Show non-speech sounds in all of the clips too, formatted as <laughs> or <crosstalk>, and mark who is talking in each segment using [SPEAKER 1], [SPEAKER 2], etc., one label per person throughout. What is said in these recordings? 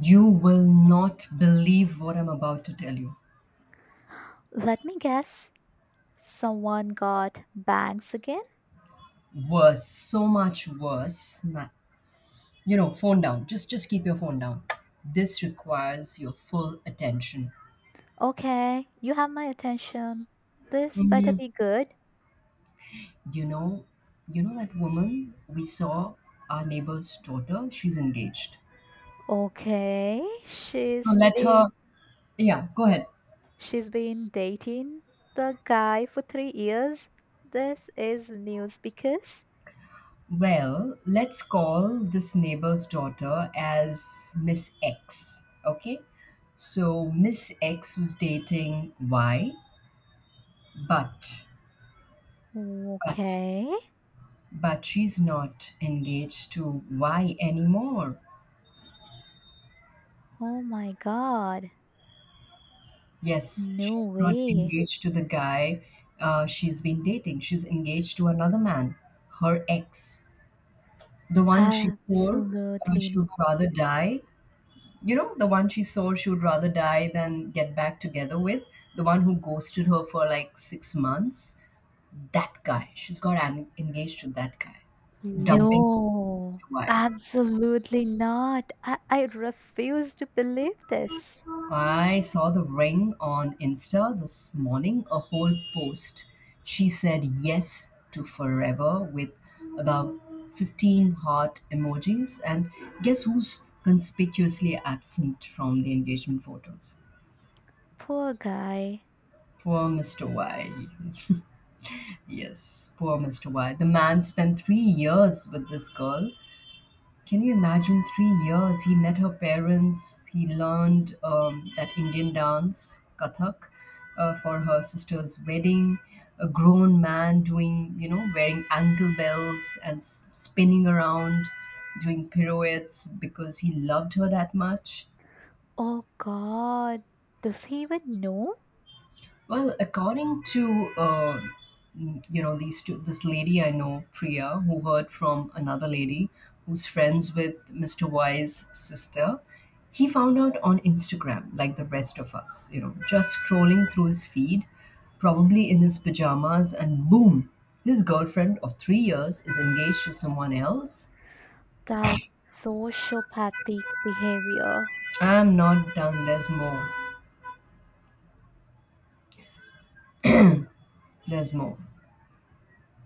[SPEAKER 1] You will not believe what I'm about to tell you.
[SPEAKER 2] Let me guess. Someone got bangs again?
[SPEAKER 1] Worse, so much worse. You know, phone down. Just keep your phone down. This requires your full attention.
[SPEAKER 2] Okay, you have my attention. This better
[SPEAKER 1] Mhm.
[SPEAKER 2] be good.
[SPEAKER 1] You know, you know that woman we saw, our neighbor's daughter, she's engaged.
[SPEAKER 2] Okay,
[SPEAKER 1] So
[SPEAKER 2] she's
[SPEAKER 1] let
[SPEAKER 2] been
[SPEAKER 1] her, yeah, go ahead.
[SPEAKER 2] she's been dating the guy for 3 years. This is news because
[SPEAKER 1] Well, let's call this neighbor's daughter as Miss X, okay? So Miss X was dating Y, But, but,
[SPEAKER 2] okay.
[SPEAKER 1] but she's not engaged to Y anymore.
[SPEAKER 2] Oh my god.
[SPEAKER 1] Yes,
[SPEAKER 2] No
[SPEAKER 1] she's not
[SPEAKER 2] way.
[SPEAKER 1] engaged to the guy she's been dating. She's engaged to another man, her ex. The one she swore she
[SPEAKER 2] Absolutely
[SPEAKER 1] would rather die. You know, the one she swore she would rather die than get back together with. The one who ghosted her for like 6 months. That guy. Engaged to that guy. Dumping
[SPEAKER 2] no.
[SPEAKER 1] Mr. Y.
[SPEAKER 2] Absolutely not. I refuse to believe this.
[SPEAKER 1] I saw the ring on Insta this morning, a whole post. She said yes to forever with about 15 heart emojis. And guess who's conspicuously absent from the engagement photos?
[SPEAKER 2] Poor guy.
[SPEAKER 1] Poor Mr. Y. Yes, poor Mr. Y. The man spent 3 years with this girl. Can you imagine 3 years? He met her parents. He learned that Indian dance, Kathak, for her sister's wedding. A grown man doing, you know, wearing ankle bells and spinning around, doing pirouettes because he loved her that much.
[SPEAKER 2] Oh god. Does he even know?
[SPEAKER 1] Well, according to you know this lady I know, Priya, who heard from another lady who's friends with Mr. Y's sister, he found out on Instagram, like the rest of us. You know, just scrolling through his feed, probably in his pajamas, and boom, his girlfriend of 3 years is engaged to someone else.
[SPEAKER 2] That's sociopathic behavior.
[SPEAKER 1] I'm not done. There's more. There's more.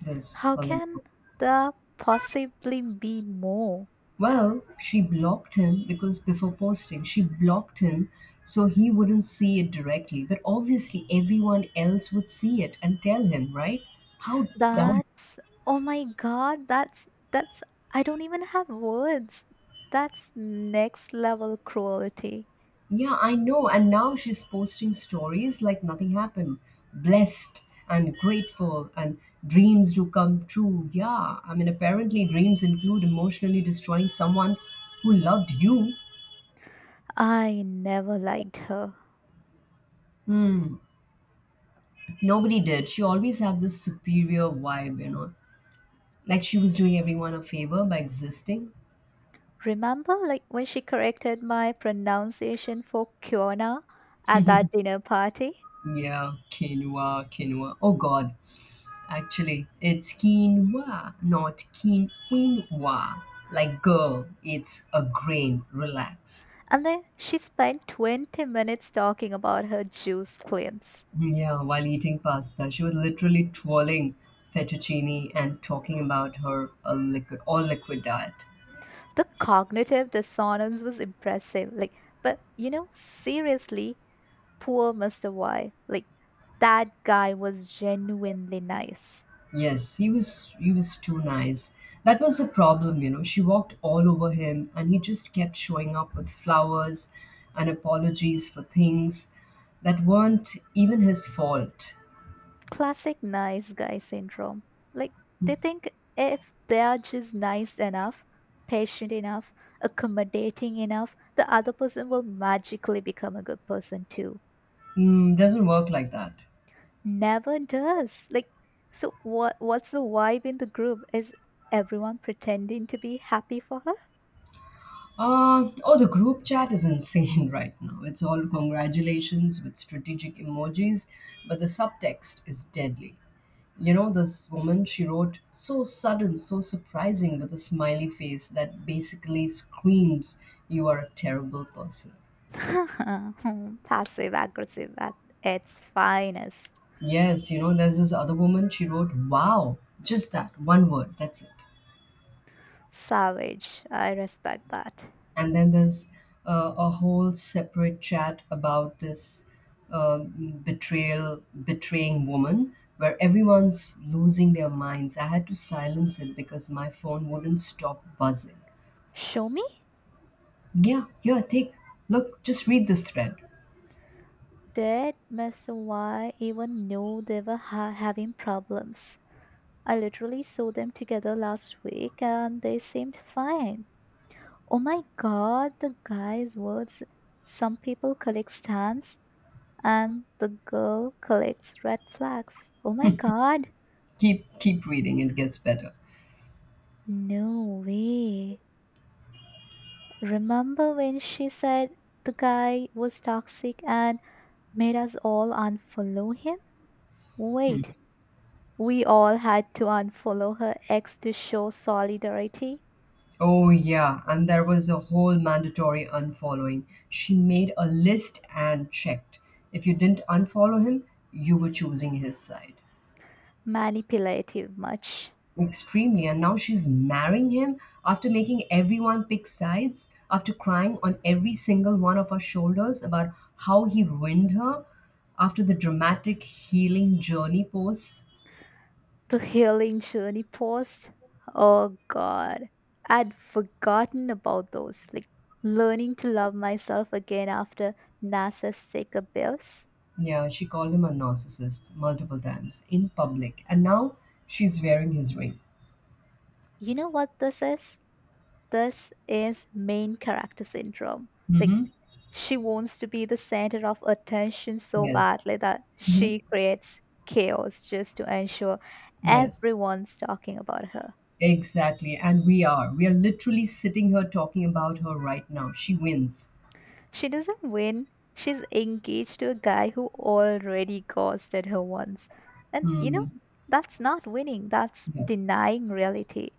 [SPEAKER 1] There's
[SPEAKER 2] How
[SPEAKER 1] a lot
[SPEAKER 2] can
[SPEAKER 1] more.
[SPEAKER 2] there possibly be more?
[SPEAKER 1] Well, she blocked him because before posting, she blocked him so he wouldn't see it directly. But obviously, everyone else would see it and tell him, right? How dumb.
[SPEAKER 2] That's Oh my god, that's I don't even have words. That's next level cruelty.
[SPEAKER 1] Yeah, I know. And now she's posting stories like nothing happened. Blessed and grateful and dreams do come true. Yeah, I mean, apparently, dreams include emotionally destroying someone who loved you.
[SPEAKER 2] I never liked her.
[SPEAKER 1] Hmm. Nobody did. She always had this superior vibe, you know. Like she was doing everyone a favor by existing.
[SPEAKER 2] Remember like when she corrected my pronunciation for Kiona at that dinner party?
[SPEAKER 1] Yeah, quinoa, quinoa. Oh God, actually, it's quinoa, not quinoa. Like, girl, it's a grain. Relax.
[SPEAKER 2] And then she spent 20 minutes talking about her juice cleanse.
[SPEAKER 1] Yeah, while eating pasta, she was literally twirling fettuccine and talking about her a liquid, all liquid diet.
[SPEAKER 2] The cognitive dissonance was impressive. Like, but seriously, poor Mr. Y. Like, that guy was genuinely nice.
[SPEAKER 1] Yes, he was too nice. That was the problem, you know. She walked all over him and he just kept showing up with flowers and apologies for things that weren't even his fault.
[SPEAKER 2] Classic nice guy syndrome. Like, they think if they are just nice enough, patient enough, accommodating enough, the other person will magically become a good person too.
[SPEAKER 1] Mm, doesn't work like that.
[SPEAKER 2] Never does. Like, so what? What's the vibe in the group? Is everyone pretending to be happy for
[SPEAKER 1] Oh, the group chat is insane <laughs> right now. It's all congratulations with strategic emojis, but the subtext is deadly. You know, this woman, she wrote, so sudden, so surprising, with a smiley face that basically screams, you are a terrible person.
[SPEAKER 2] her? <laughs> Passive aggressive at its finest.
[SPEAKER 1] Yes, you know, there's this other woman, she wrote, wow, just that one word, that's it.
[SPEAKER 2] Savage. I respect that.
[SPEAKER 1] And then there's a whole separate chat about this betraying woman, where everyone's losing their minds. I had to silence it because my phone wouldn't stop buzzing.
[SPEAKER 2] Show me.
[SPEAKER 1] Yeah, yeah, take look, just read this thread.
[SPEAKER 2] Did Mr. Y even know they were having problems? I literally saw them together last week and they seemed fine. Oh my god, the guy's words. Some people collect stamps and the girl collects red flags. Oh my god!
[SPEAKER 1] Keep reading, it gets better.
[SPEAKER 2] No way. Remember when she said the guy was toxic and made us all unfollow him? Wait, we all had to unfollow her ex to show solidarity?
[SPEAKER 1] Oh yeah, and there was a whole mandatory unfollowing. She made a list and checked. If you didn't unfollow him, you were choosing his side.
[SPEAKER 2] Manipulative much.
[SPEAKER 1] Extremely, and now she's marrying him after making everyone pick sides, after crying on every single one of our shoulders about how he ruined her, after the dramatic healing journey posts.
[SPEAKER 2] The healing journey post. Oh god. I'd forgotten about those. Like learning to love myself again after narcissistic abuse.
[SPEAKER 1] Yeah, she called him a narcissist multiple times in public, and now she's wearing his ring.
[SPEAKER 2] You know what this is? This is main character syndrome. Like
[SPEAKER 1] Mm-hmm.
[SPEAKER 2] she wants to be the center of attention so
[SPEAKER 1] Yes.
[SPEAKER 2] badly that
[SPEAKER 1] Mm-hmm.
[SPEAKER 2] she creates chaos just to ensure
[SPEAKER 1] Yes.
[SPEAKER 2] everyone's talking about her.
[SPEAKER 1] Exactly. And we are. We are literally sitting here talking about her right now. She wins.
[SPEAKER 2] She doesn't win. She's engaged to a guy who already ghosted her once. And
[SPEAKER 1] Hmm.
[SPEAKER 2] that's not winning, that's
[SPEAKER 1] Yeah.
[SPEAKER 2] denying reality.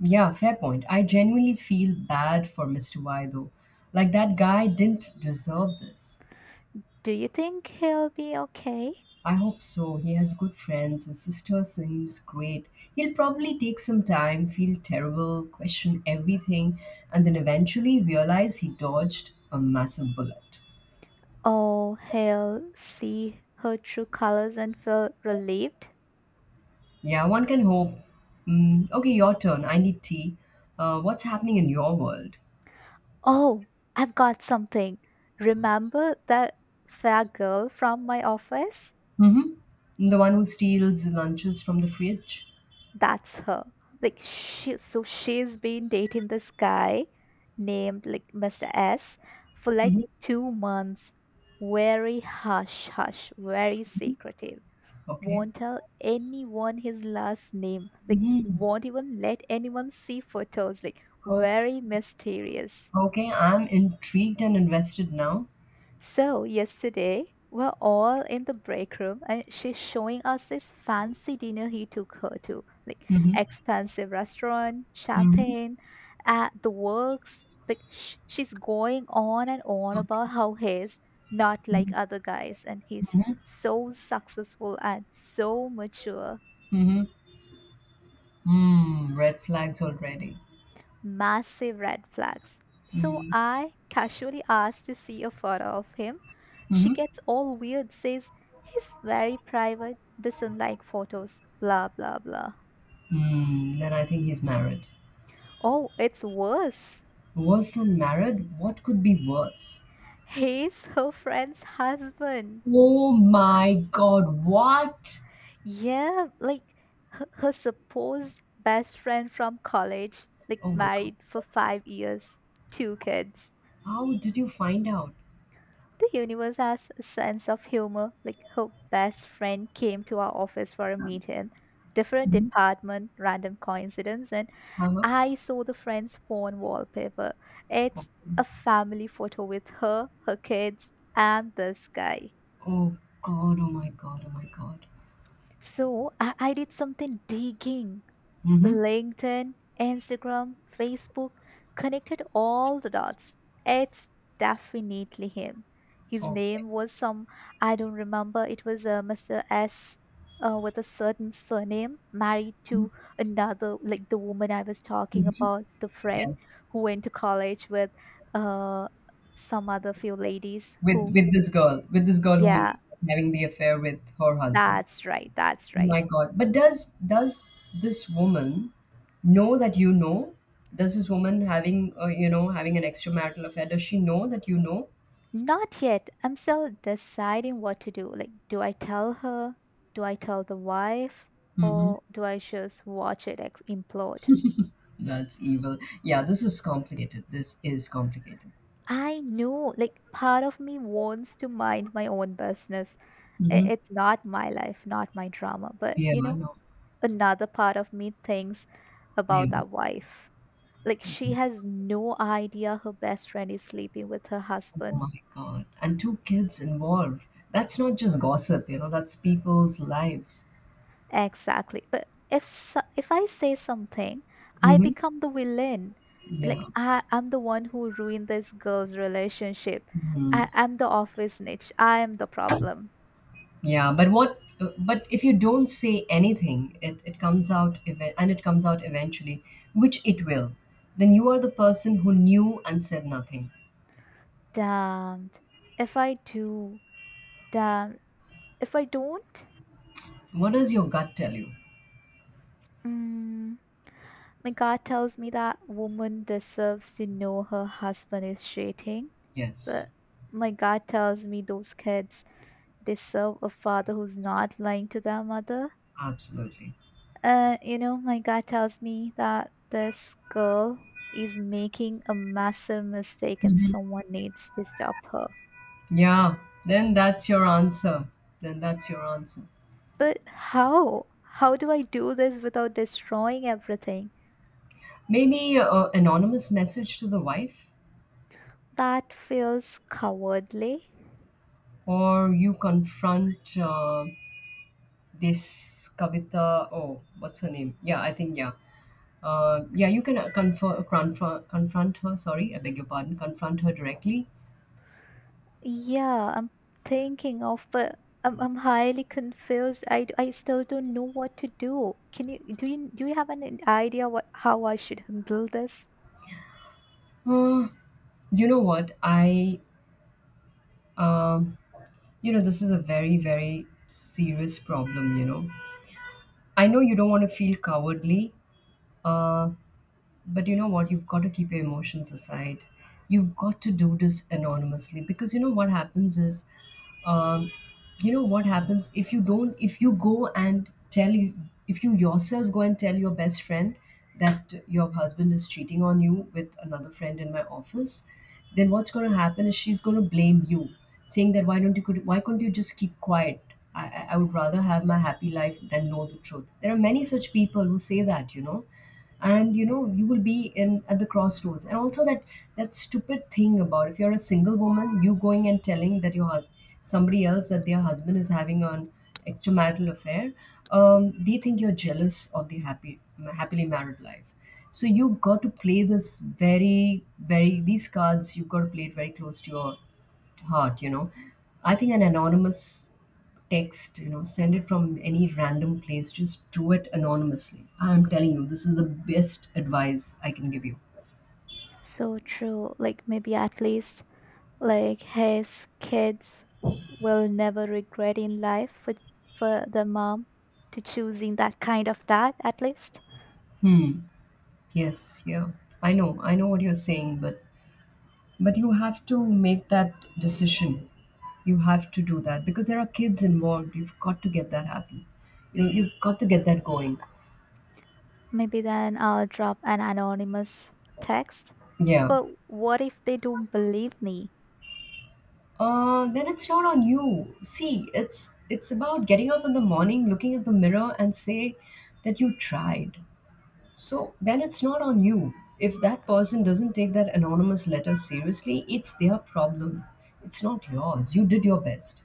[SPEAKER 1] Yeah, fair point. I genuinely feel bad for Mr. Y though. Like that guy didn't deserve this.
[SPEAKER 2] Do you think he'll be okay?
[SPEAKER 1] I hope so. He has good friends. His sister seems great. He'll probably take some time, feel terrible, question everything, and then eventually realize he dodged a massive bullet.
[SPEAKER 2] Or he'll see her true colors and feel relieved?
[SPEAKER 1] Yeah, one can hope. Mm, okay, your turn. I need tea. What's happening in your world?
[SPEAKER 2] Oh, I've got something. Remember that fair girl from my office?
[SPEAKER 1] Mm-hmm. The one who steals lunches from the fridge?
[SPEAKER 2] That's her. Like she so she's been dating this guy named like Mr. S for like
[SPEAKER 1] Mm-hmm.
[SPEAKER 2] 2 months. Very hush hush, very secretive.
[SPEAKER 1] Okay.
[SPEAKER 2] Won't tell anyone his last name. Like
[SPEAKER 1] Mm-hmm.
[SPEAKER 2] won't even let anyone see photos. Like
[SPEAKER 1] Okay.
[SPEAKER 2] very mysterious.
[SPEAKER 1] Okay, I'm intrigued and invested now.
[SPEAKER 2] So, yesterday, we're all in the break room and she's showing us this fancy dinner he took her to, like
[SPEAKER 1] Mm-hmm.
[SPEAKER 2] expensive restaurant,
[SPEAKER 1] Mm-hmm.
[SPEAKER 2] champagne, at the works. Like she's going on and on about
[SPEAKER 1] Okay.
[SPEAKER 2] how he's not like
[SPEAKER 1] Mm-hmm.
[SPEAKER 2] other guys and he's
[SPEAKER 1] Mm-hmm.
[SPEAKER 2] so successful and so mature.
[SPEAKER 1] Mm-hmm. Mm, red flags already.
[SPEAKER 2] Massive red flags. So
[SPEAKER 1] Mm.
[SPEAKER 2] I casually asked to see a photo of him. She
[SPEAKER 1] Hmm.
[SPEAKER 2] gets all weird, says he's very private, doesn't like photos, blah blah blah.
[SPEAKER 1] Mm, then I think he's married.
[SPEAKER 2] Oh, it's worse.
[SPEAKER 1] Worse than married? What could be worse?
[SPEAKER 2] He's her friend's husband.
[SPEAKER 1] Oh my god, what?
[SPEAKER 2] Yeah, like her supposed best friend from college, like
[SPEAKER 1] Oh my god.
[SPEAKER 2] married for 5 years, two kids.
[SPEAKER 1] How did you find out?
[SPEAKER 2] The universe has a sense of humor. Like her best friend came to our office for a meeting, different
[SPEAKER 1] Mhm.
[SPEAKER 2] department, random coincidence, and
[SPEAKER 1] Uh-huh.
[SPEAKER 2] I saw the friend's phone wallpaper.
[SPEAKER 1] Okay.
[SPEAKER 2] It's a family photo with her, her kids, and this guy.
[SPEAKER 1] Oh god, oh my god, oh my god.
[SPEAKER 2] So I did something digging.
[SPEAKER 1] Mm-hmm.
[SPEAKER 2] LinkedIn, Instagram, Facebook, connected all the dots. It's definitely him. His
[SPEAKER 1] Okay.
[SPEAKER 2] name was some, I don't remember, it was Mr. S with a certain surname, married to another, like the woman I was talking
[SPEAKER 1] Hmm.
[SPEAKER 2] about, the friend
[SPEAKER 1] Yes.
[SPEAKER 2] who went to college with uh, some other few ladies who,
[SPEAKER 1] With this girl who
[SPEAKER 2] yeah,
[SPEAKER 1] is having the affair with her husband.
[SPEAKER 2] that's right, that's
[SPEAKER 1] Oh my
[SPEAKER 2] right.
[SPEAKER 1] God. But does this woman know that you know? Does this woman having you know having an extramarital affair? Does she know that you know?
[SPEAKER 2] Not yet. I'm still deciding what to do. Like, do I tell her? Do I tell the wife?
[SPEAKER 1] Mm-hmm.
[SPEAKER 2] Or do I just watch it implode?
[SPEAKER 1] That's evil. Yeah, this is complicated. This is complicated.
[SPEAKER 2] I know, like, part of me wants to mind my own business. I-
[SPEAKER 1] Mm-hmm.
[SPEAKER 2] It's not my life, not my drama. But,
[SPEAKER 1] Yeah,
[SPEAKER 2] you
[SPEAKER 1] I
[SPEAKER 2] know,
[SPEAKER 1] know.
[SPEAKER 2] another part of me thinks
[SPEAKER 1] Yeah.
[SPEAKER 2] about that wife. Like, she has no idea her best friend is sleeping with her
[SPEAKER 1] Oh
[SPEAKER 2] husband.
[SPEAKER 1] my God. And two kids involved. That's not just gossip, you know, that's people's lives.
[SPEAKER 2] Exactly. But if I say something, I
[SPEAKER 1] Mm-hmm.
[SPEAKER 2] become the villain.
[SPEAKER 1] Yeah.
[SPEAKER 2] Like I'm the one who ruined this girl's relationship.
[SPEAKER 1] Mhm.
[SPEAKER 2] I'm the office niche. I am the problem.
[SPEAKER 1] Yeah, but what? But if you don't say anything, it comes out even, and it comes out eventually, which it will. Then you are the person who knew and said nothing.
[SPEAKER 2] Damned. If I do, damn. If I don't,
[SPEAKER 1] What does your gut tell you?
[SPEAKER 2] mm, my God tells me that woman deserves to know her husband is cheating.
[SPEAKER 1] Yes,
[SPEAKER 2] But my God tells me those kids deserve a father who's not lying to their mother.
[SPEAKER 1] absolutely.
[SPEAKER 2] You know, my gut tells me that this girl is making a massive mistake and someone needs to stop her.
[SPEAKER 1] Yeah, then that's your answer. Then that's your answer.
[SPEAKER 2] But how? How do I do this without destroying everything?
[SPEAKER 1] Maybe a anonymous message to the wife,
[SPEAKER 2] That feels cowardly.
[SPEAKER 1] or you confront this Kavita. Oh, what's her name? Yeah, I think yeah. Yeah, you can confront her. Sorry, I beg your pardon. Confront her directly.
[SPEAKER 2] Yeah, I'm thinking of, but I'm highly confused. I still don't know what to do. Can you do you have an idea what how I should handle this?
[SPEAKER 1] Uh, you know what? I um, you know this is a very serious problem. You know, I know you don't want to feel cowardly. Uh, but you know what, you've got to keep your emotions aside. You've got to do this anonymously because you know what happens is, um, you know what happens, if you don't, if you go and tell you, if you yourself go and tell your best friend that your husband is cheating on you with another friend in my office, then what's going to happen is she's going to blame you, saying that why don't you could why couldn't you just keep quiet. I would rather have my happy life than know the truth. There are many such people who say that, you know. And you know, you will be in at the crossroads, and also that that stupid thing about, if you're a single woman you going and telling that your somebody else that their husband is having an extramarital affair, they think you're jealous of the happy happily married life. So you've got to play this very these cards, you've got to play it very close to your heart, you know. I think an anonymous text, you know, send it from any random place. Just do it anonymously. I'm telling you, this is the best advice I can give you.
[SPEAKER 2] So true. Like maybe at least like his kids will never regret in life for the mom to choosing that kind of dad at least.
[SPEAKER 1] Hmm. Yes, yeah. I know. I know what you're saying, but you have to make that decision. You have to do that because there are kids involved. You've got to get that happen. You know, you've got to get that going.
[SPEAKER 2] Maybe then I'll drop an anonymous text.
[SPEAKER 1] Yeah.
[SPEAKER 2] But what if they don't believe me?
[SPEAKER 1] Then it's not on you. See, it's about getting up in the morning, looking at the mirror, and say that you tried. So then it's not on you. If that person doesn't take that anonymous letter seriously, it's their problem. It's not yours. You did your best.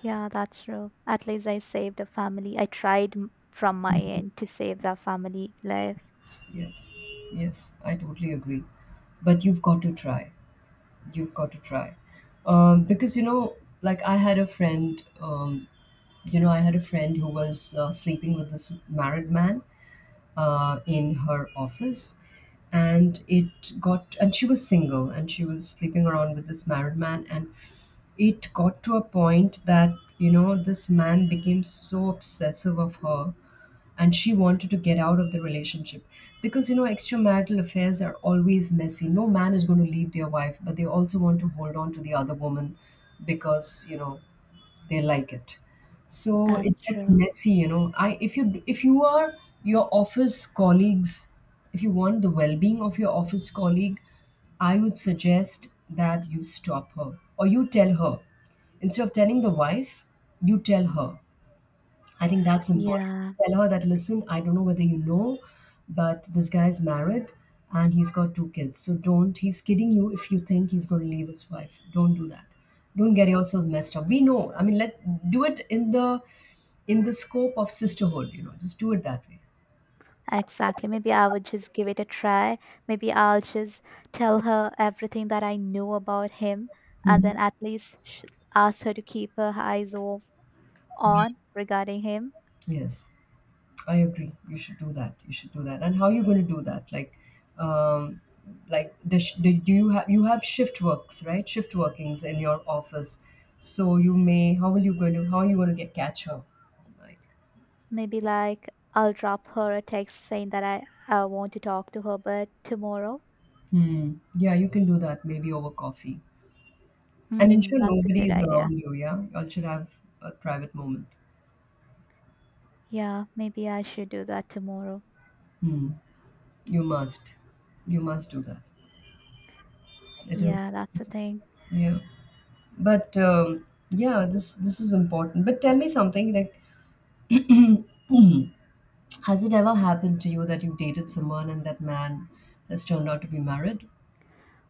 [SPEAKER 2] Yeah, that's true. At least I saved a family. I tried from my end to save that family life.
[SPEAKER 1] Yes, yes, yes, I totally agree. But you've got to try. You've got to try. Because, you know, like I had a friend, you know, I had a friend who was sleeping with this married man in her office, and it got, and she was single and she was sleeping around with this married man, and it got to a point that, you know, this man became so obsessive of her, and she wanted to get out of the relationship because, you know, extramarital affairs are always messy. No man is going to leave their wife, but they also want to hold on to the other woman because, you know, they like it. So it
[SPEAKER 2] That's
[SPEAKER 1] gets
[SPEAKER 2] true.
[SPEAKER 1] messy, you know. I if you if you are your office colleagues, if you want the well-being of your office colleague, I would suggest that you stop her or you tell her. Instead of telling the wife, you tell her. I think that's important.
[SPEAKER 2] Yeah.
[SPEAKER 1] Tell her that, listen, I don't know whether you know, but this guy's married and he's got 2 kids. So don't, he's kidding you if you think he's going to leave his wife. Don't do that. Don't get yourself messed up. We know. I mean, let do it in the scope of sisterhood. You know, just do it that way.
[SPEAKER 2] Exactly. Maybe I would just give it a try. Maybe I'll just tell her everything that I know about him and
[SPEAKER 1] Mhm.
[SPEAKER 2] then at least ask her to keep her eyes off on regarding him.
[SPEAKER 1] Yes. I agree. You should do that. You should do that. And how are you going to do that? Um, like do you have shift works, right? Shift workings in your office, so you may how are you going to get catch her? Like,
[SPEAKER 2] Maybe like I'll drop her a text saying that I want to talk to her, but tomorrow.
[SPEAKER 1] hmm. Yeah, you can do that, maybe over coffee, and
[SPEAKER 2] Hmm,
[SPEAKER 1] ensure
[SPEAKER 2] that's a
[SPEAKER 1] nobody
[SPEAKER 2] good
[SPEAKER 1] is
[SPEAKER 2] idea.
[SPEAKER 1] around you. Yeah, you all should have a private moment.
[SPEAKER 2] Yeah, maybe I should do that tomorrow.
[SPEAKER 1] You must, you must do that. It
[SPEAKER 2] Yeah,
[SPEAKER 1] is,
[SPEAKER 2] that's the thing.
[SPEAKER 1] yeah. But yeah, this is important. But tell me something, like has it ever happened to you that you dated someone and that man has turned out to be married?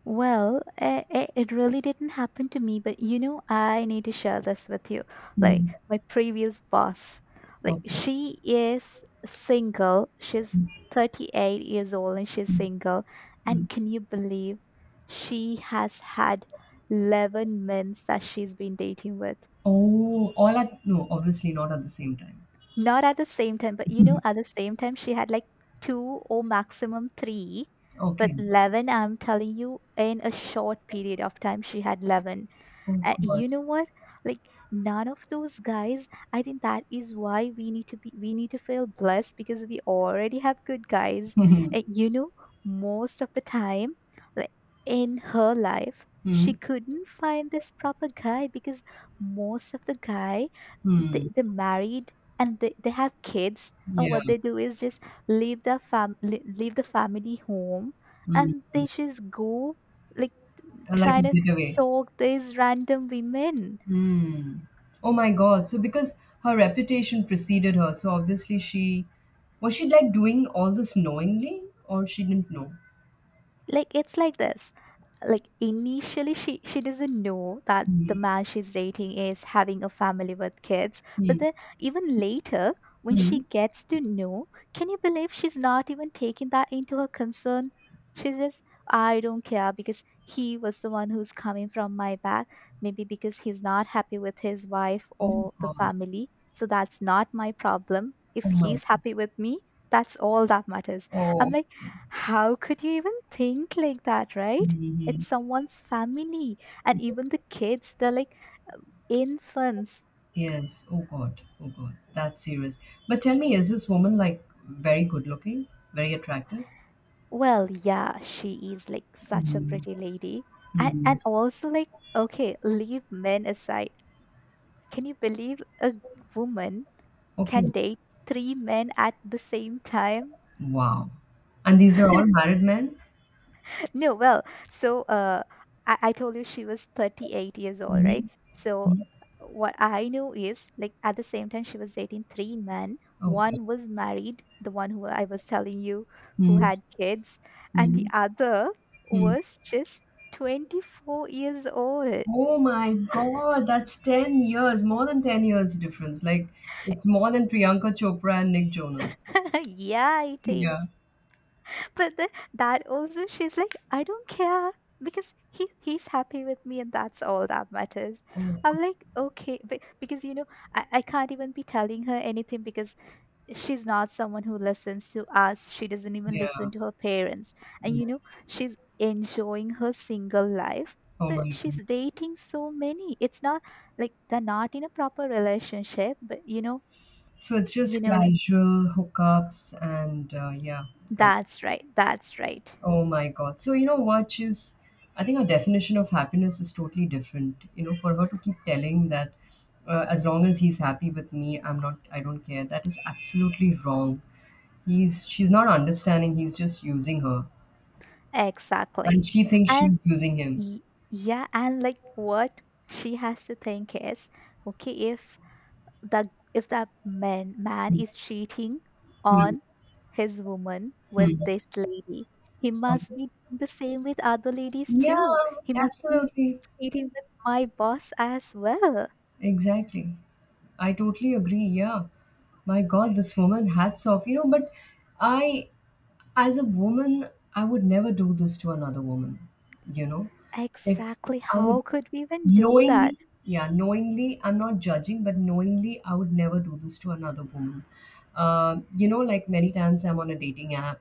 [SPEAKER 2] Well, it really didn't happen to me, but you know, I need to share this with you. Like,
[SPEAKER 1] Mhm.
[SPEAKER 2] my previous boss, like,
[SPEAKER 1] Okay.
[SPEAKER 2] she is single. She's 38 years old and she's single.
[SPEAKER 1] Mm.
[SPEAKER 2] And can you believe she has had 11 men that she's been dating with?
[SPEAKER 1] Oh, all at no, obviously not at the same time.
[SPEAKER 2] Not at the same time, but you know, at the same time, she had like two or maximum three. But
[SPEAKER 1] Okay.
[SPEAKER 2] 11, I'm telling you, in a short period of time, she had 11.
[SPEAKER 1] Oh, God.
[SPEAKER 2] You know what, like none of those guys, I think that is why we need to feel blessed because we already have good guys.
[SPEAKER 1] <laughs> Hmm.
[SPEAKER 2] And you know most of the time, like in her life,
[SPEAKER 1] Hmm.
[SPEAKER 2] she couldn't find this proper guy because most of the guy, they,
[SPEAKER 1] Hmm.
[SPEAKER 2] they're married and they have kids and
[SPEAKER 1] Yeah.
[SPEAKER 2] what they do is just leave the family home
[SPEAKER 1] Hmm.
[SPEAKER 2] and
[SPEAKER 1] Hmm.
[SPEAKER 2] they just go like
[SPEAKER 1] I like a
[SPEAKER 2] trying to
[SPEAKER 1] getaway.
[SPEAKER 2] stalk these random women.
[SPEAKER 1] Hmm. Oh my God. So because her reputation preceded her, so obviously she, like, doing all this knowingly, or she didn't know?
[SPEAKER 2] Like it's like this. Like initially she doesn't know that the
[SPEAKER 1] Hmm.
[SPEAKER 2] man she's dating is having a family with kids.
[SPEAKER 1] Hmm.
[SPEAKER 2] But then even later when
[SPEAKER 1] Hmm.
[SPEAKER 2] she gets to know, can you believe she's not even taking that into her concern? She's just, I don't care because he was the one who's coming from my back. Maybe because he's not happy with his wife
[SPEAKER 1] Oh
[SPEAKER 2] or the
[SPEAKER 1] God.
[SPEAKER 2] family, so that's not my problem
[SPEAKER 1] Oh
[SPEAKER 2] if
[SPEAKER 1] my
[SPEAKER 2] he's
[SPEAKER 1] God.
[SPEAKER 2] happy with me. That's all that matters.
[SPEAKER 1] Oh.
[SPEAKER 2] I'm like, how could you even think like that, right?
[SPEAKER 1] Hmm.
[SPEAKER 2] It's someone's family and even the kids they're like infants.
[SPEAKER 1] Yes. Oh God. Oh God. That's serious. But tell me, is this woman like very good looking, very attractive?
[SPEAKER 2] Well yeah, she is like such a
[SPEAKER 1] Mm.
[SPEAKER 2] pretty lady. and
[SPEAKER 1] Mm.
[SPEAKER 2] and also like okay, leave men aside, can you believe a woman
[SPEAKER 1] Okay.
[SPEAKER 2] can date three men at the same time?
[SPEAKER 1] Wow. And these were all
[SPEAKER 2] <laughs>
[SPEAKER 1] married men?
[SPEAKER 2] No, well, so uh, I told you she was 38 years old, right?
[SPEAKER 1] Mm-hmm.
[SPEAKER 2] So what I know is like at the same time she was dating three men.
[SPEAKER 1] Oh God.
[SPEAKER 2] One was married, the one who I was telling you who had kids, and the
[SPEAKER 1] Mm-hmm.
[SPEAKER 2] other
[SPEAKER 1] Mm-hmm.
[SPEAKER 2] was just 24 years old.
[SPEAKER 1] Oh my God. That's 10 years, more than 10 years difference. Like it's more than Priyanka Chopra and Nick Jonas.
[SPEAKER 2] <laughs> Yeah, it is.
[SPEAKER 1] Yeah.
[SPEAKER 2] But then that also she's like, I don't care because he's happy with me and that's all that matters.
[SPEAKER 1] Oh, God.
[SPEAKER 2] I'm like, okay. But because you know, I can't even be telling her anything because she's not someone who listens to us. She doesn't even
[SPEAKER 1] Yeah.
[SPEAKER 2] listen to her parents. And
[SPEAKER 1] Yeah.
[SPEAKER 2] you know, she's enjoying her single life
[SPEAKER 1] Oh
[SPEAKER 2] but
[SPEAKER 1] my
[SPEAKER 2] she's
[SPEAKER 1] God.
[SPEAKER 2] dating so many. It's not like they're not in a proper relationship, but you know,
[SPEAKER 1] So it's just
[SPEAKER 2] like
[SPEAKER 1] casual hookups and yeah, God.
[SPEAKER 2] that's right.
[SPEAKER 1] Oh my God. So you know what? I think her definition of happiness is totally different. You know, for her to keep telling that, as long as he's happy with me, I don't care. That is absolutely wrong. She's not understanding. He's just using her,
[SPEAKER 2] Exactly.
[SPEAKER 1] and she thinks
[SPEAKER 2] And
[SPEAKER 1] she's using him.
[SPEAKER 2] Y- yeah. And like what she has to think is, okay, if the if that man is cheating on his woman with
[SPEAKER 1] Hmm.
[SPEAKER 2] this lady, he
[SPEAKER 1] Um,
[SPEAKER 2] must be doing the same with other ladies
[SPEAKER 1] yeah,
[SPEAKER 2] too. He must be
[SPEAKER 1] absolutely.
[SPEAKER 2] cheating with my boss as well.
[SPEAKER 1] Exactly. I totally agree. Yeah. My God, this woman, hats off. You know, but I, as a woman, I would never do this to another woman, you know. If
[SPEAKER 2] Exactly,
[SPEAKER 1] I would
[SPEAKER 2] how could we even do that?
[SPEAKER 1] knowingly, yeah, knowingly, I'm not judging, but knowingly, I would never do this to another woman. You know, like many times I'm on a dating app,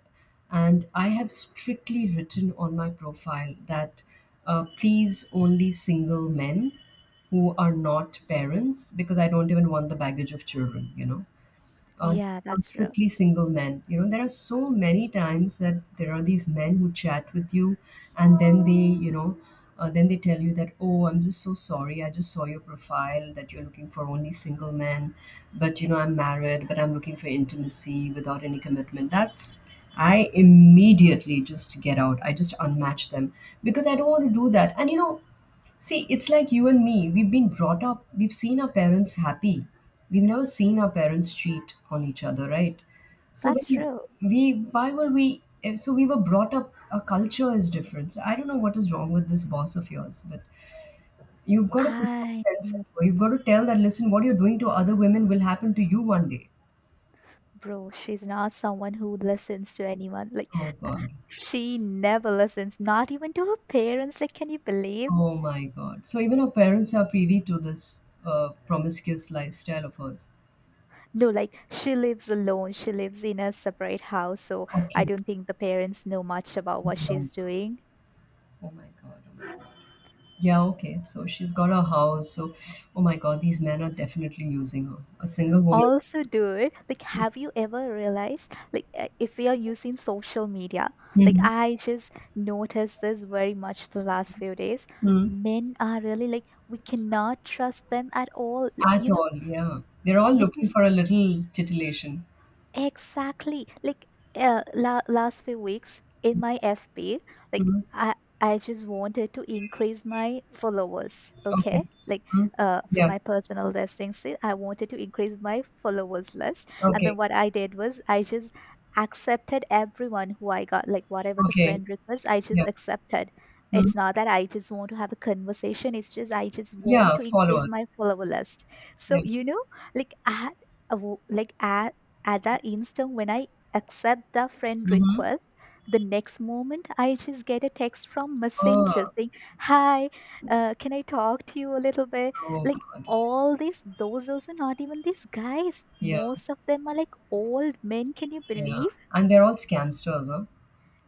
[SPEAKER 1] and I have strictly written on my profile that, please only single men who are not parents, because I don't even want the baggage of children, you know.
[SPEAKER 2] Yeah, that's true
[SPEAKER 1] Strictly single men. You know, there are so many times that there are these men who chat with you, and then then they tell you that, oh, I'm just so sorry. I just saw your profile that you're looking for only single men, but you know, I'm married, but I'm looking for intimacy without any commitment. That's I immediately just get out. I just unmatch them, because I don't want to do that. And you know, see, it's like you and me. We've been brought up, we've seen our parents happy. We've never seen our parents cheat on each other, right? So
[SPEAKER 2] that's
[SPEAKER 1] then
[SPEAKER 2] true
[SPEAKER 1] we, why will we, eh, so we were brought up, our culture is different. So I don't know what is wrong with this boss of yours, but you've got to put some
[SPEAKER 2] I
[SPEAKER 1] sense
[SPEAKER 2] know,
[SPEAKER 1] into it. You've got to tell that, listen, what you're doing to other women will happen to you one day.
[SPEAKER 2] bro, she's not someone who listens to anyone. Like
[SPEAKER 1] Oh, God.
[SPEAKER 2] she never listens, not even to her parents. Like, can you believe?
[SPEAKER 1] Oh, my God. So even our parents are privy to this promiscuous lifestyle of hers.
[SPEAKER 2] No, like, she lives alone. She lives in a separate house. So I
[SPEAKER 1] Okay.
[SPEAKER 2] don't think the parents know much about what
[SPEAKER 1] Oh, my
[SPEAKER 2] she's
[SPEAKER 1] God.
[SPEAKER 2] doing.
[SPEAKER 1] Oh, my God. Yeah, okay. So she's got a house. So, oh my God, these men are definitely using her. A single woman.
[SPEAKER 2] Also, dude, like, have you ever realized, like, if we are using social media, like,
[SPEAKER 1] Hmm.
[SPEAKER 2] I just noticed this very much the last few days.
[SPEAKER 1] Hmm.
[SPEAKER 2] Men are really like, we cannot trust them at all, like,
[SPEAKER 1] At
[SPEAKER 2] you know,
[SPEAKER 1] all. Yeah. They're all looking
[SPEAKER 2] because
[SPEAKER 1] for a little titillation.
[SPEAKER 2] exactly. Like last few weeks in my FB, like
[SPEAKER 1] Hmm.
[SPEAKER 2] I just wanted to increase my followers,
[SPEAKER 1] Okay.
[SPEAKER 2] okay? Like
[SPEAKER 1] Hmm.
[SPEAKER 2] for
[SPEAKER 1] Yeah.
[SPEAKER 2] my personal listing, see, I wanted to increase my followers list. And then
[SPEAKER 1] Okay.
[SPEAKER 2] what I did was I just accepted everyone who I got, like whatever the
[SPEAKER 1] Okay.
[SPEAKER 2] friend request, I
[SPEAKER 1] Yeah.
[SPEAKER 2] just accepted.
[SPEAKER 1] Hmm.
[SPEAKER 2] It's not that I just want to have a conversation, it's just I just want
[SPEAKER 1] Yeah.
[SPEAKER 2] to increase
[SPEAKER 1] Followers.
[SPEAKER 2] my follower list.
[SPEAKER 1] Yeah.
[SPEAKER 2] So, you know, like I had a like as at the instant when I accept the friend
[SPEAKER 1] Mm-hmm.
[SPEAKER 2] request, the next moment I just get a text from Messenger
[SPEAKER 1] Oh,
[SPEAKER 2] saying, "Hi, can I talk to you a little bit?"
[SPEAKER 1] oh
[SPEAKER 2] Like
[SPEAKER 1] God.
[SPEAKER 2] all these, those also not even these guys.
[SPEAKER 1] Yeah.
[SPEAKER 2] Most of them are like old men. Can you
[SPEAKER 1] Yeah.
[SPEAKER 2] believe?
[SPEAKER 1] And they're all scamsters, huh?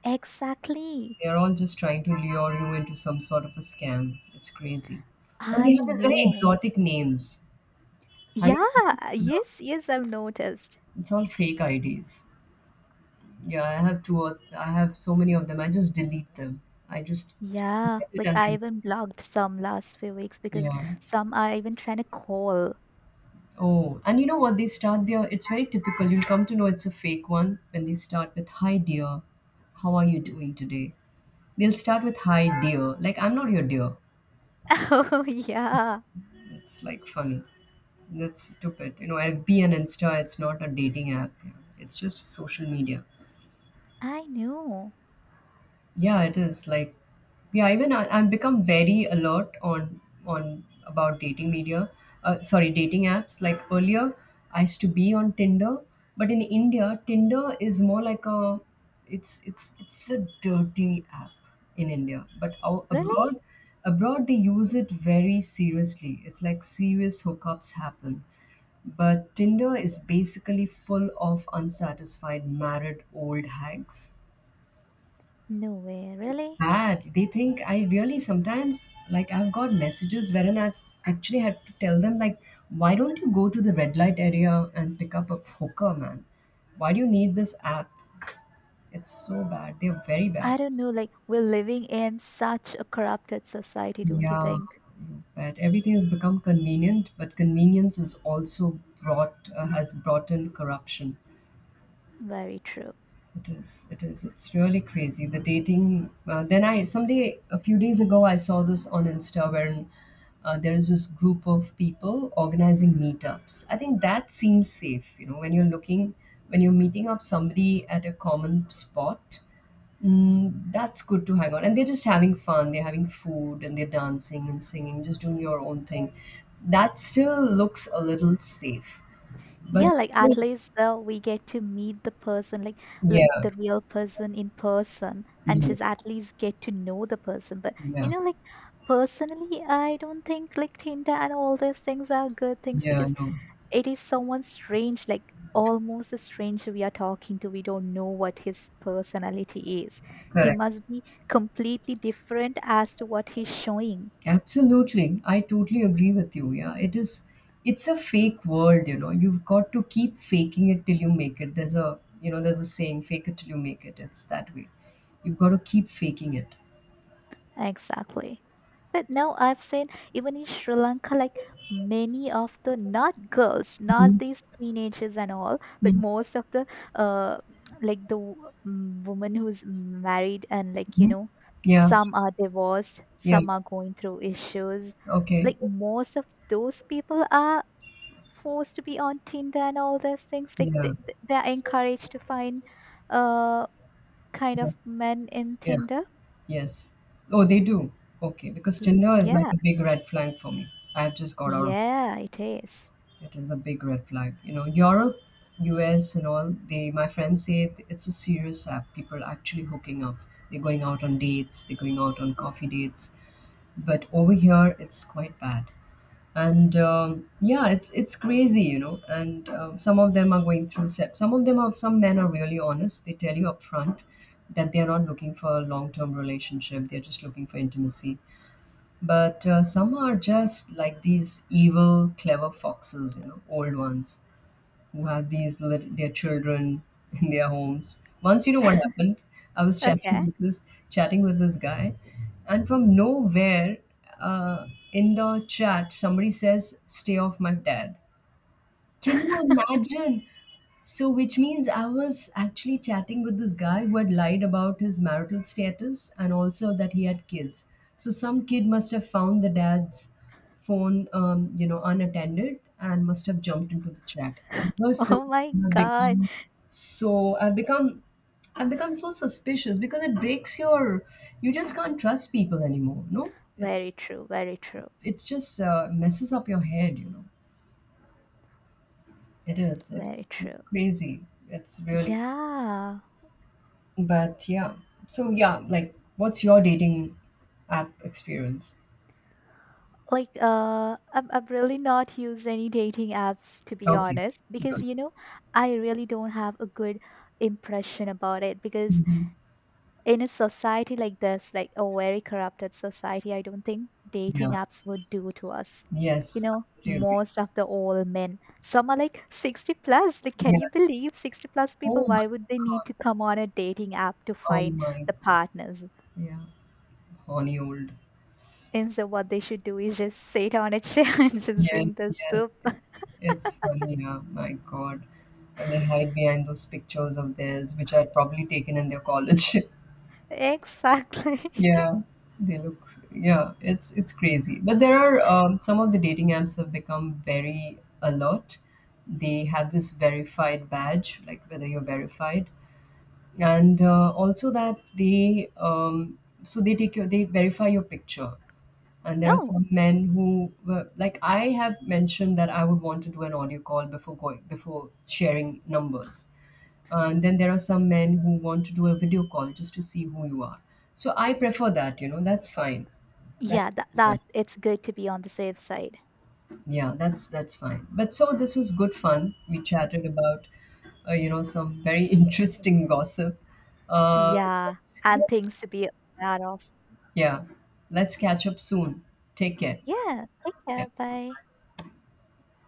[SPEAKER 2] Exactly.
[SPEAKER 1] They're all just trying to lure you into some sort of a scam. It's crazy. And they
[SPEAKER 2] I
[SPEAKER 1] have these very
[SPEAKER 2] know.
[SPEAKER 1] exotic names. Have
[SPEAKER 2] Yeah.
[SPEAKER 1] you? No,
[SPEAKER 2] Yes. Yes. I've noticed.
[SPEAKER 1] it's all fake IDs. Yeah, I have two, or I have so many of them. I just delete them. I just
[SPEAKER 2] Yeah,
[SPEAKER 1] forget it
[SPEAKER 2] like
[SPEAKER 1] and
[SPEAKER 2] I
[SPEAKER 1] I
[SPEAKER 2] even blocked some last few weeks because
[SPEAKER 1] yeah.
[SPEAKER 2] some are even trying to call.
[SPEAKER 1] Oh, and you know what? They start there. It's very typical. You'll come to know it's a fake one when they start with "Hi dear, how are you doing today?" They'll start with "Hi dear," like I'm not your dear.
[SPEAKER 2] <laughs> Oh, yeah.
[SPEAKER 1] It's like funny. That's stupid. You know, FB and Insta. It's not a dating app. Yeah. It's just social media.
[SPEAKER 2] I know.
[SPEAKER 1] Yeah, it is like yeah. Even I've become very alert on about dating media. Sorry, dating apps. Like earlier, I used to be on Tinder, but in India, Tinder is more like a it's a dirty app in India. But
[SPEAKER 2] Really?
[SPEAKER 1] abroad, abroad they use it very seriously. It's like serious hookups happen. But Tinder is basically full of unsatisfied married old hags.
[SPEAKER 2] No way.
[SPEAKER 1] It's
[SPEAKER 2] Really?
[SPEAKER 1] bad. They think I really sometimes, like I've got messages wherein I've actually had to tell them like, why don't you go to the red light area and pick up a hooker, man? Why do you need this app? It's so bad. They're very bad.
[SPEAKER 2] I don't know. Like, we're living in such a corrupted society, don't you
[SPEAKER 1] Yeah,
[SPEAKER 2] think?
[SPEAKER 1] you bet. Everything has become convenient, but convenience is also brought has brought in corruption.
[SPEAKER 2] Very true.
[SPEAKER 1] It is. It is. It's really crazy. The dating. Then I someday a few days ago I saw this on Insta where, there is this group of people organizing meetups. I think that seems safe. You know, when you're meeting up somebody at a common spot, mm, that's good to hang on. And they're just having fun. They're having food and they're dancing and singing, just doing your own thing. That still looks a little safe.
[SPEAKER 2] Yeah,
[SPEAKER 1] But this
[SPEAKER 2] like at
[SPEAKER 1] whole-
[SPEAKER 2] least though we get to meet the person, like
[SPEAKER 1] yeah,
[SPEAKER 2] the real person in person, and
[SPEAKER 1] yes,
[SPEAKER 2] she's at least get to know the person. But you
[SPEAKER 1] yeah,
[SPEAKER 2] know, like personally, I don't think like Tinder and all these things are good things
[SPEAKER 1] yeah,
[SPEAKER 2] because
[SPEAKER 1] no.
[SPEAKER 2] it is someone strange, like almost a stranger we are talking to. We don't know what his personality is. He
[SPEAKER 1] Correct.
[SPEAKER 2] must be completely different as to what he's showing.
[SPEAKER 1] Absolutely. I totally agree with you. Yeah. It's a fake world, you know. You've got to keep faking it till you make it. There's a, you know, there's a saying, fake it till you make it. It's that way. You've got to keep faking it.
[SPEAKER 2] Exactly. But now I've seen even in Sri Lanka, like many of the not girls, not
[SPEAKER 1] Mhm.
[SPEAKER 2] these teenagers and all, but
[SPEAKER 1] Mhm.
[SPEAKER 2] most of the uh, like the woman who's married and like you
[SPEAKER 1] Mhm.
[SPEAKER 2] know,
[SPEAKER 1] Yeah.
[SPEAKER 2] some are divorced,
[SPEAKER 1] Yeah.
[SPEAKER 2] some are going through issues.
[SPEAKER 1] Okay.
[SPEAKER 2] Like most of those people are forced to be on Tinder and all those things. Like
[SPEAKER 1] Yeah.
[SPEAKER 2] they are encouraged to find uh kind
[SPEAKER 1] Yeah.
[SPEAKER 2] of men in
[SPEAKER 1] Yeah.
[SPEAKER 2] Tinder.
[SPEAKER 1] Yes. Oh, they do. Okay. Because
[SPEAKER 2] Y-
[SPEAKER 1] Tinder is like
[SPEAKER 2] Yeah.
[SPEAKER 1] a big red flag for me. I've just got out of
[SPEAKER 2] Yeah, it is.
[SPEAKER 1] it is a big red flag. You know, Europe, US, and all, they, my friends say it's a serious app. People are actually hooking up. They're going out on dates, they're going out on coffee dates. But over here, it's quite bad. And yeah, it's crazy, you know. And some of them are going through. Some of them are. Some men are really honest. They tell you up front that they are not looking for a long-term relationship. They're just looking for intimacy, but some are just like these evil clever foxes, you know, old ones who have these their children <laughs> in their homes. Once, you know what
[SPEAKER 2] <laughs>
[SPEAKER 1] happened, I was
[SPEAKER 2] Okay.
[SPEAKER 1] chatting with this guy, and from nowhere, uh, in the chat, somebody says, "Stay off my dad." Can you imagine? So, which means I was actually chatting with this guy who had lied about his marital status and also that he had kids. So, some kid must have found the dad's phone, you know, unattended, and must have jumped into the chat.
[SPEAKER 2] <laughs>
[SPEAKER 1] Ever
[SPEAKER 2] Oh
[SPEAKER 1] since
[SPEAKER 2] my
[SPEAKER 1] I've
[SPEAKER 2] god.
[SPEAKER 1] become so, I've become so suspicious because it breaks your, you just can't trust people anymore. No, it,
[SPEAKER 2] Very true, very true,
[SPEAKER 1] it's just messes up your head. You know, it is. It,
[SPEAKER 2] very
[SPEAKER 1] it's
[SPEAKER 2] true.
[SPEAKER 1] crazy. It's really
[SPEAKER 2] Yeah.
[SPEAKER 1] but yeah, so yeah, like what's your dating app experience?
[SPEAKER 2] Like I'm I am really not used any dating apps to be
[SPEAKER 1] Okay,
[SPEAKER 2] honest because
[SPEAKER 1] good.
[SPEAKER 2] you know I really don't have a good impression about it because
[SPEAKER 1] Hmm.
[SPEAKER 2] in a society like this, like a very corrupted society, I don't think dating
[SPEAKER 1] Yeah,
[SPEAKER 2] apps would do to us. You
[SPEAKER 1] yes, I
[SPEAKER 2] know,
[SPEAKER 1] totally agree.
[SPEAKER 2] most of the old men, some are like 60 plus. Like, can you
[SPEAKER 1] Yes.
[SPEAKER 2] believe 60 plus
[SPEAKER 1] Oh
[SPEAKER 2] people?
[SPEAKER 1] my
[SPEAKER 2] Why would they need
[SPEAKER 1] God.
[SPEAKER 2] to come on a dating app to
[SPEAKER 1] Oh
[SPEAKER 2] find
[SPEAKER 1] my
[SPEAKER 2] the
[SPEAKER 1] God.
[SPEAKER 2] partners?
[SPEAKER 1] Yeah, horny old.
[SPEAKER 2] Instead, what they should do is just sit on a chair <laughs> and just drink
[SPEAKER 1] Yes,
[SPEAKER 2] the
[SPEAKER 1] yes.
[SPEAKER 2] soup.
[SPEAKER 1] It's funny, yeah. My God. And they hide behind those pictures of theirs, which I'd probably taken in their college. <laughs>
[SPEAKER 2] Exactly. <laughs>
[SPEAKER 1] Yeah, they look. Yeah, it's crazy. But there are some of the dating apps have become very alert. They have this verified badge, like whether you're verified, and also that they so they take your they verify your picture. And there are
[SPEAKER 2] Oh,
[SPEAKER 1] some men who were like I have mentioned that I would want to do an audio call before sharing numbers, and then there are some men who want to do a video call just to see who you are. So I prefer that, you know, that's fine. That
[SPEAKER 2] yeah, that it's good to be on the safe side.
[SPEAKER 1] yeah, that's fine. But so this was good fun. We chatted about, you know, some very <laughs> interesting gossip. Uh,
[SPEAKER 2] Yeah, and things to be aware of.
[SPEAKER 1] yeah, let's catch up soon. Take care.
[SPEAKER 2] Yeah, take care.
[SPEAKER 1] Yeah.
[SPEAKER 2] Bye.